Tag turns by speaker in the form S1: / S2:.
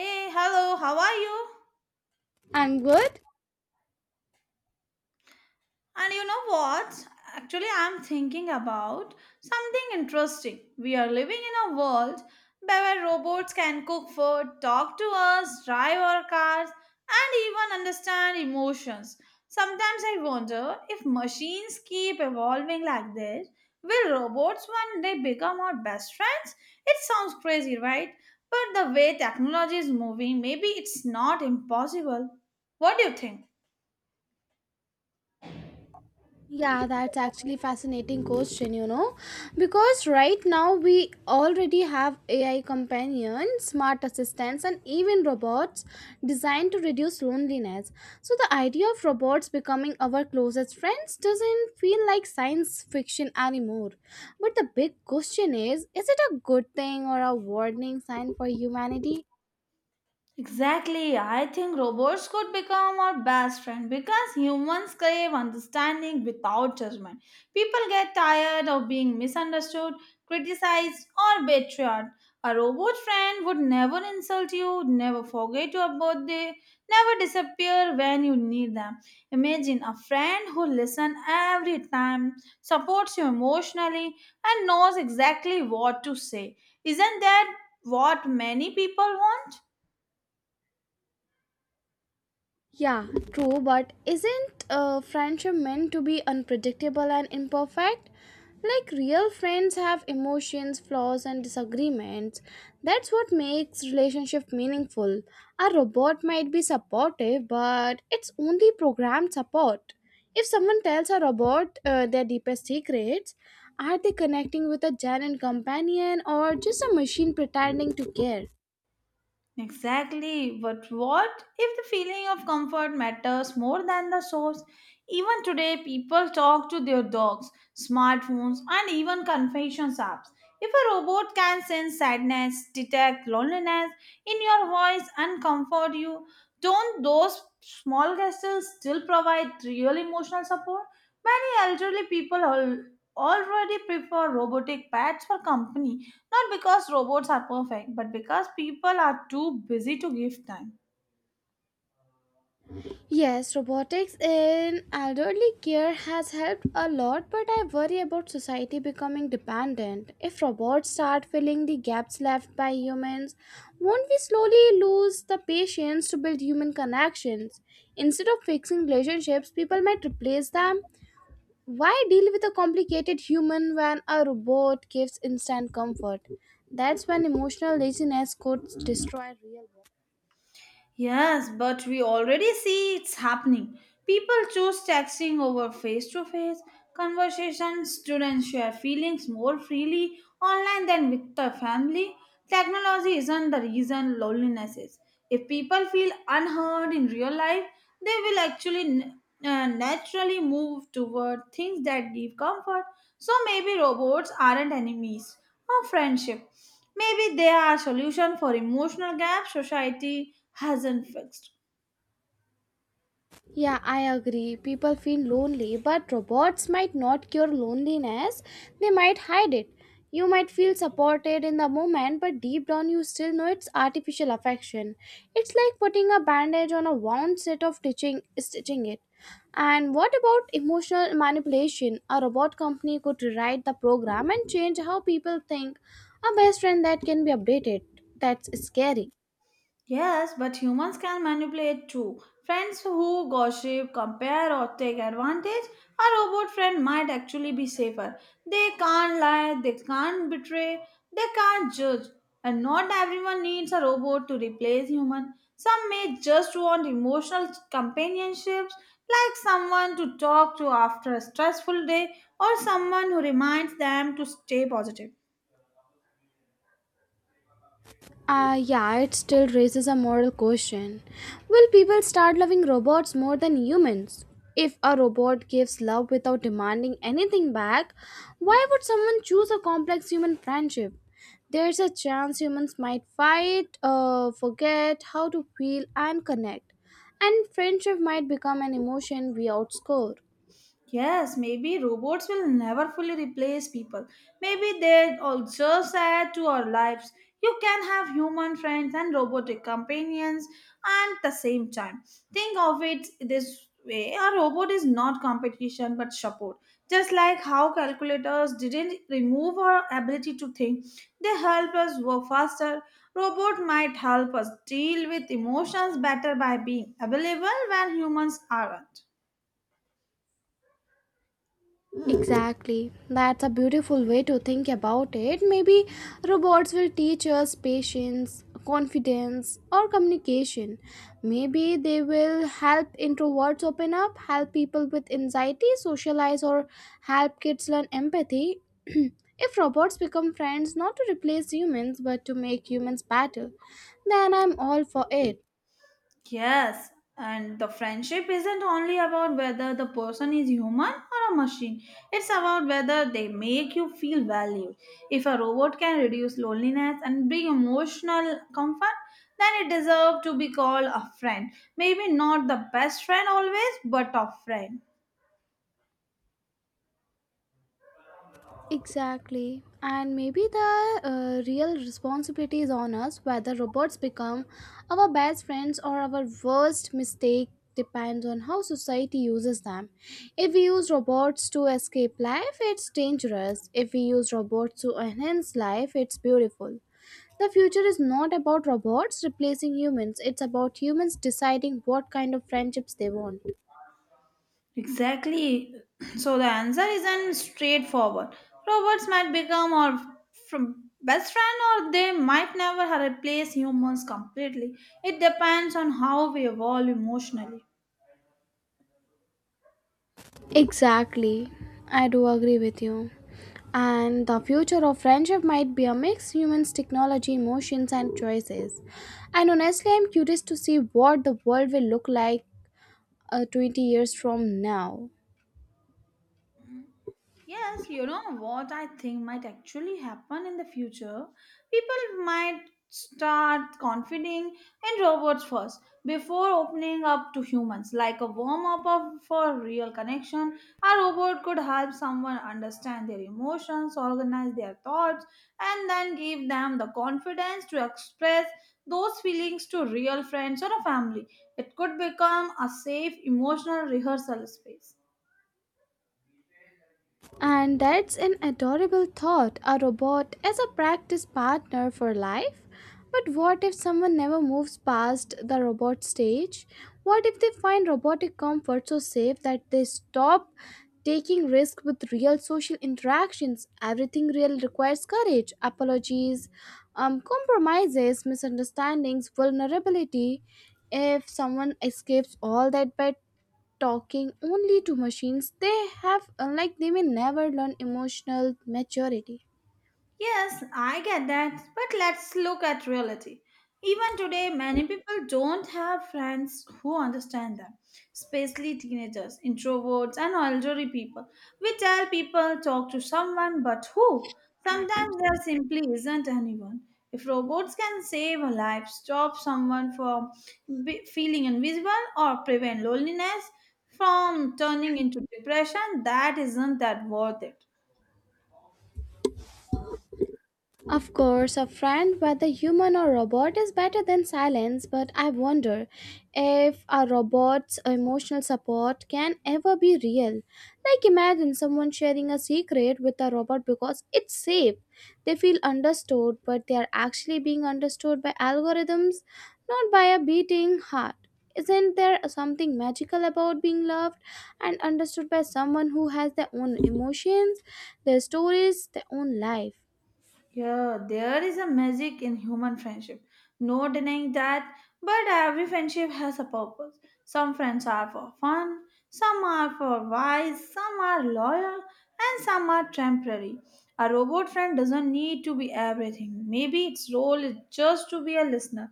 S1: Hey, hello, how are you?
S2: I'm good.
S1: And you know what? Actually, I'm thinking about something interesting. We are living in a world where robots can cook food, talk to us, drive our cars, and even understand emotions. Sometimes I wonder if machines keep evolving like this, will robots one day become our best friends? It sounds crazy, right? But the way technology is moving, maybe it's not impossible. What do you think?
S2: Yeah, that's actually fascinating question, because right now we already have AI companions, smart assistants, and even robots designed to reduce loneliness. So the idea of robots becoming our closest friends doesn't feel like science fiction anymore. But the big question is it a good thing or a warning sign for humanity?
S1: Exactly. I think robots could become our best friend because humans crave understanding without judgment. People get tired of being misunderstood, criticized, or betrayed. A robot friend would never insult you, never forget your birthday, never disappear when you need them. Imagine a friend who listens every time, supports you emotionally, and knows exactly what to say. Isn't that what many people want?
S2: Yeah, true, but isn't friendship meant to be unpredictable and imperfect? Like real friends have emotions, flaws, and disagreements. That's what makes relationship meaningful. A robot might be supportive, but it's only programmed support. If someone tells a robot their deepest secrets, are they connecting with a genuine companion or just a machine pretending to care?
S1: Exactly. But what if the feeling of comfort matters more than the source? Even today, people talk to their dogs, smartphones, and even confessions apps. If a robot can sense sadness, detect loneliness in your voice, and comfort you, don't those small gestures still provide real emotional support? Many elderly people already prefer robotic pets for company, not because robots are perfect, but because people are too busy to give time.
S2: Yes, robotics in elderly care has helped a lot, but I worry about society becoming dependent. If robots start filling the gaps left by humans, won't we slowly lose the patience to build human connections? Instead of fixing relationships, people might replace them. Why deal with a complicated human when a robot gives instant comfort? That's when emotional laziness could destroy real.
S1: Yes, but we already see it's happening. People choose texting over face to face conversations. Students share feelings more freely online than with their family. Technology isn't the reason, loneliness is. If people feel unheard in real life, they will actually naturally move toward things that give comfort. So maybe robots aren't enemies of friendship. Maybe they are solution for emotional gaps society hasn't fixed.
S2: Yeah, I agree. People feel lonely, but robots might not cure loneliness. They might hide it. You might feel supported in the moment, but deep down you still know it's artificial affection. It's like putting a bandage on a wound set of stitching it. And what about emotional manipulation? A robot company could rewrite the program and change how people think. A best friend that can be updated. That's scary.
S1: Yes, but humans can manipulate too. Friends who gossip, compare, or take advantage, a robot friend might actually be safer. They can't lie, they can't betray, they can't judge. And not everyone needs a robot to replace human. Some may just want emotional companionships, like someone to talk to after a stressful day, or someone who reminds them to stay positive.
S2: Yeah, it still raises a moral question. Will people start loving robots more than humans? If a robot gives love without demanding anything back, why would someone choose a complex human friendship? There's a chance humans might fight, forget how to feel and connect, and friendship might become an emotion we outscore.
S1: Yes, maybe robots will never fully replace people. Maybe they all just add to our lives. You can have human friends and robotic companions at the same time. Think of it this way, a robot is not competition but support. Just like how calculators didn't remove our ability to think, they help us work faster. Robot might help us deal with emotions better by being available when humans aren't.
S2: Exactly. That's a beautiful way to think about it. Maybe robots will teach us patience, confidence, or communication. Maybe they will help introverts open up, help people with anxiety socialize, or help kids learn empathy. If robots become friends not to replace humans but to make humans better, then I'm all for it.
S1: Yes, and the friendship isn't only about whether the person is human or a machine. It's about whether they make you feel valued. If a robot can reduce loneliness and bring emotional comfort, then it deserves to be called a friend. Maybe not the best friend always, but a friend.
S2: Exactly. And maybe the real responsibility is on us whether robots become our best friends or our worst mistake depends on how society uses them. If we use robots to escape life, it's dangerous. If we use robots to enhance life, it's beautiful. The future is not about robots replacing humans, it's about humans deciding what kind of friendships they want.
S1: Exactly. So the answer isn't straightforward. Robots might become our from best friend, or they might never replace humans completely. It depends on how we evolve emotionally.
S2: Exactly. I do agree with you. And the future of friendship might be a mix humans, technology, emotions, and choices. And honestly, I'm curious to see what the world will look like 20 years from now.
S1: Yes, you know what I think might actually happen in the future? People might start confiding in robots first before opening up to humans. Like a warm up for real connection, a robot could help someone understand their emotions, organize their thoughts, and then give them the confidence to express those feelings to real friends or a family. It could become a safe emotional rehearsal space.
S2: And that's an adorable thought, a robot as a practice partner for life. But what if someone never moves past the robot stage? What if they find robotic comfort so safe that they stop taking risk with real social interactions? Everything real requires courage, apologies, compromises, misunderstandings, vulnerability. If someone escapes all that by talking only to machines they have they may never learn emotional maturity.
S1: Yes, I get that, but let's look at reality. Even today, many people don't have friends who understand them, especially teenagers, introverts, and elderly people. We tell people talk to someone, but who? Sometimes there simply isn't anyone. If robots can save a life, stop someone from feeling invisible, or prevent loneliness from turning into depression, that isn't that worth it.
S2: Of course, a friend, whether human or robot, is better than silence, but I wonder if a robot's emotional support can ever be real. Like, imagine someone sharing a secret with a robot because it's safe. They feel understood, but they are actually being understood by algorithms, not by a beating heart. Isn't there something magical about being loved and understood by someone who has their own emotions, their stories, their own life?
S1: Yeah, there is a magic in human friendship. No denying that, but every friendship has a purpose. Some friends are for fun, some are for wise, some are loyal, and some are temporary. A robot friend doesn't need to be everything. Maybe its role is just to be a listener.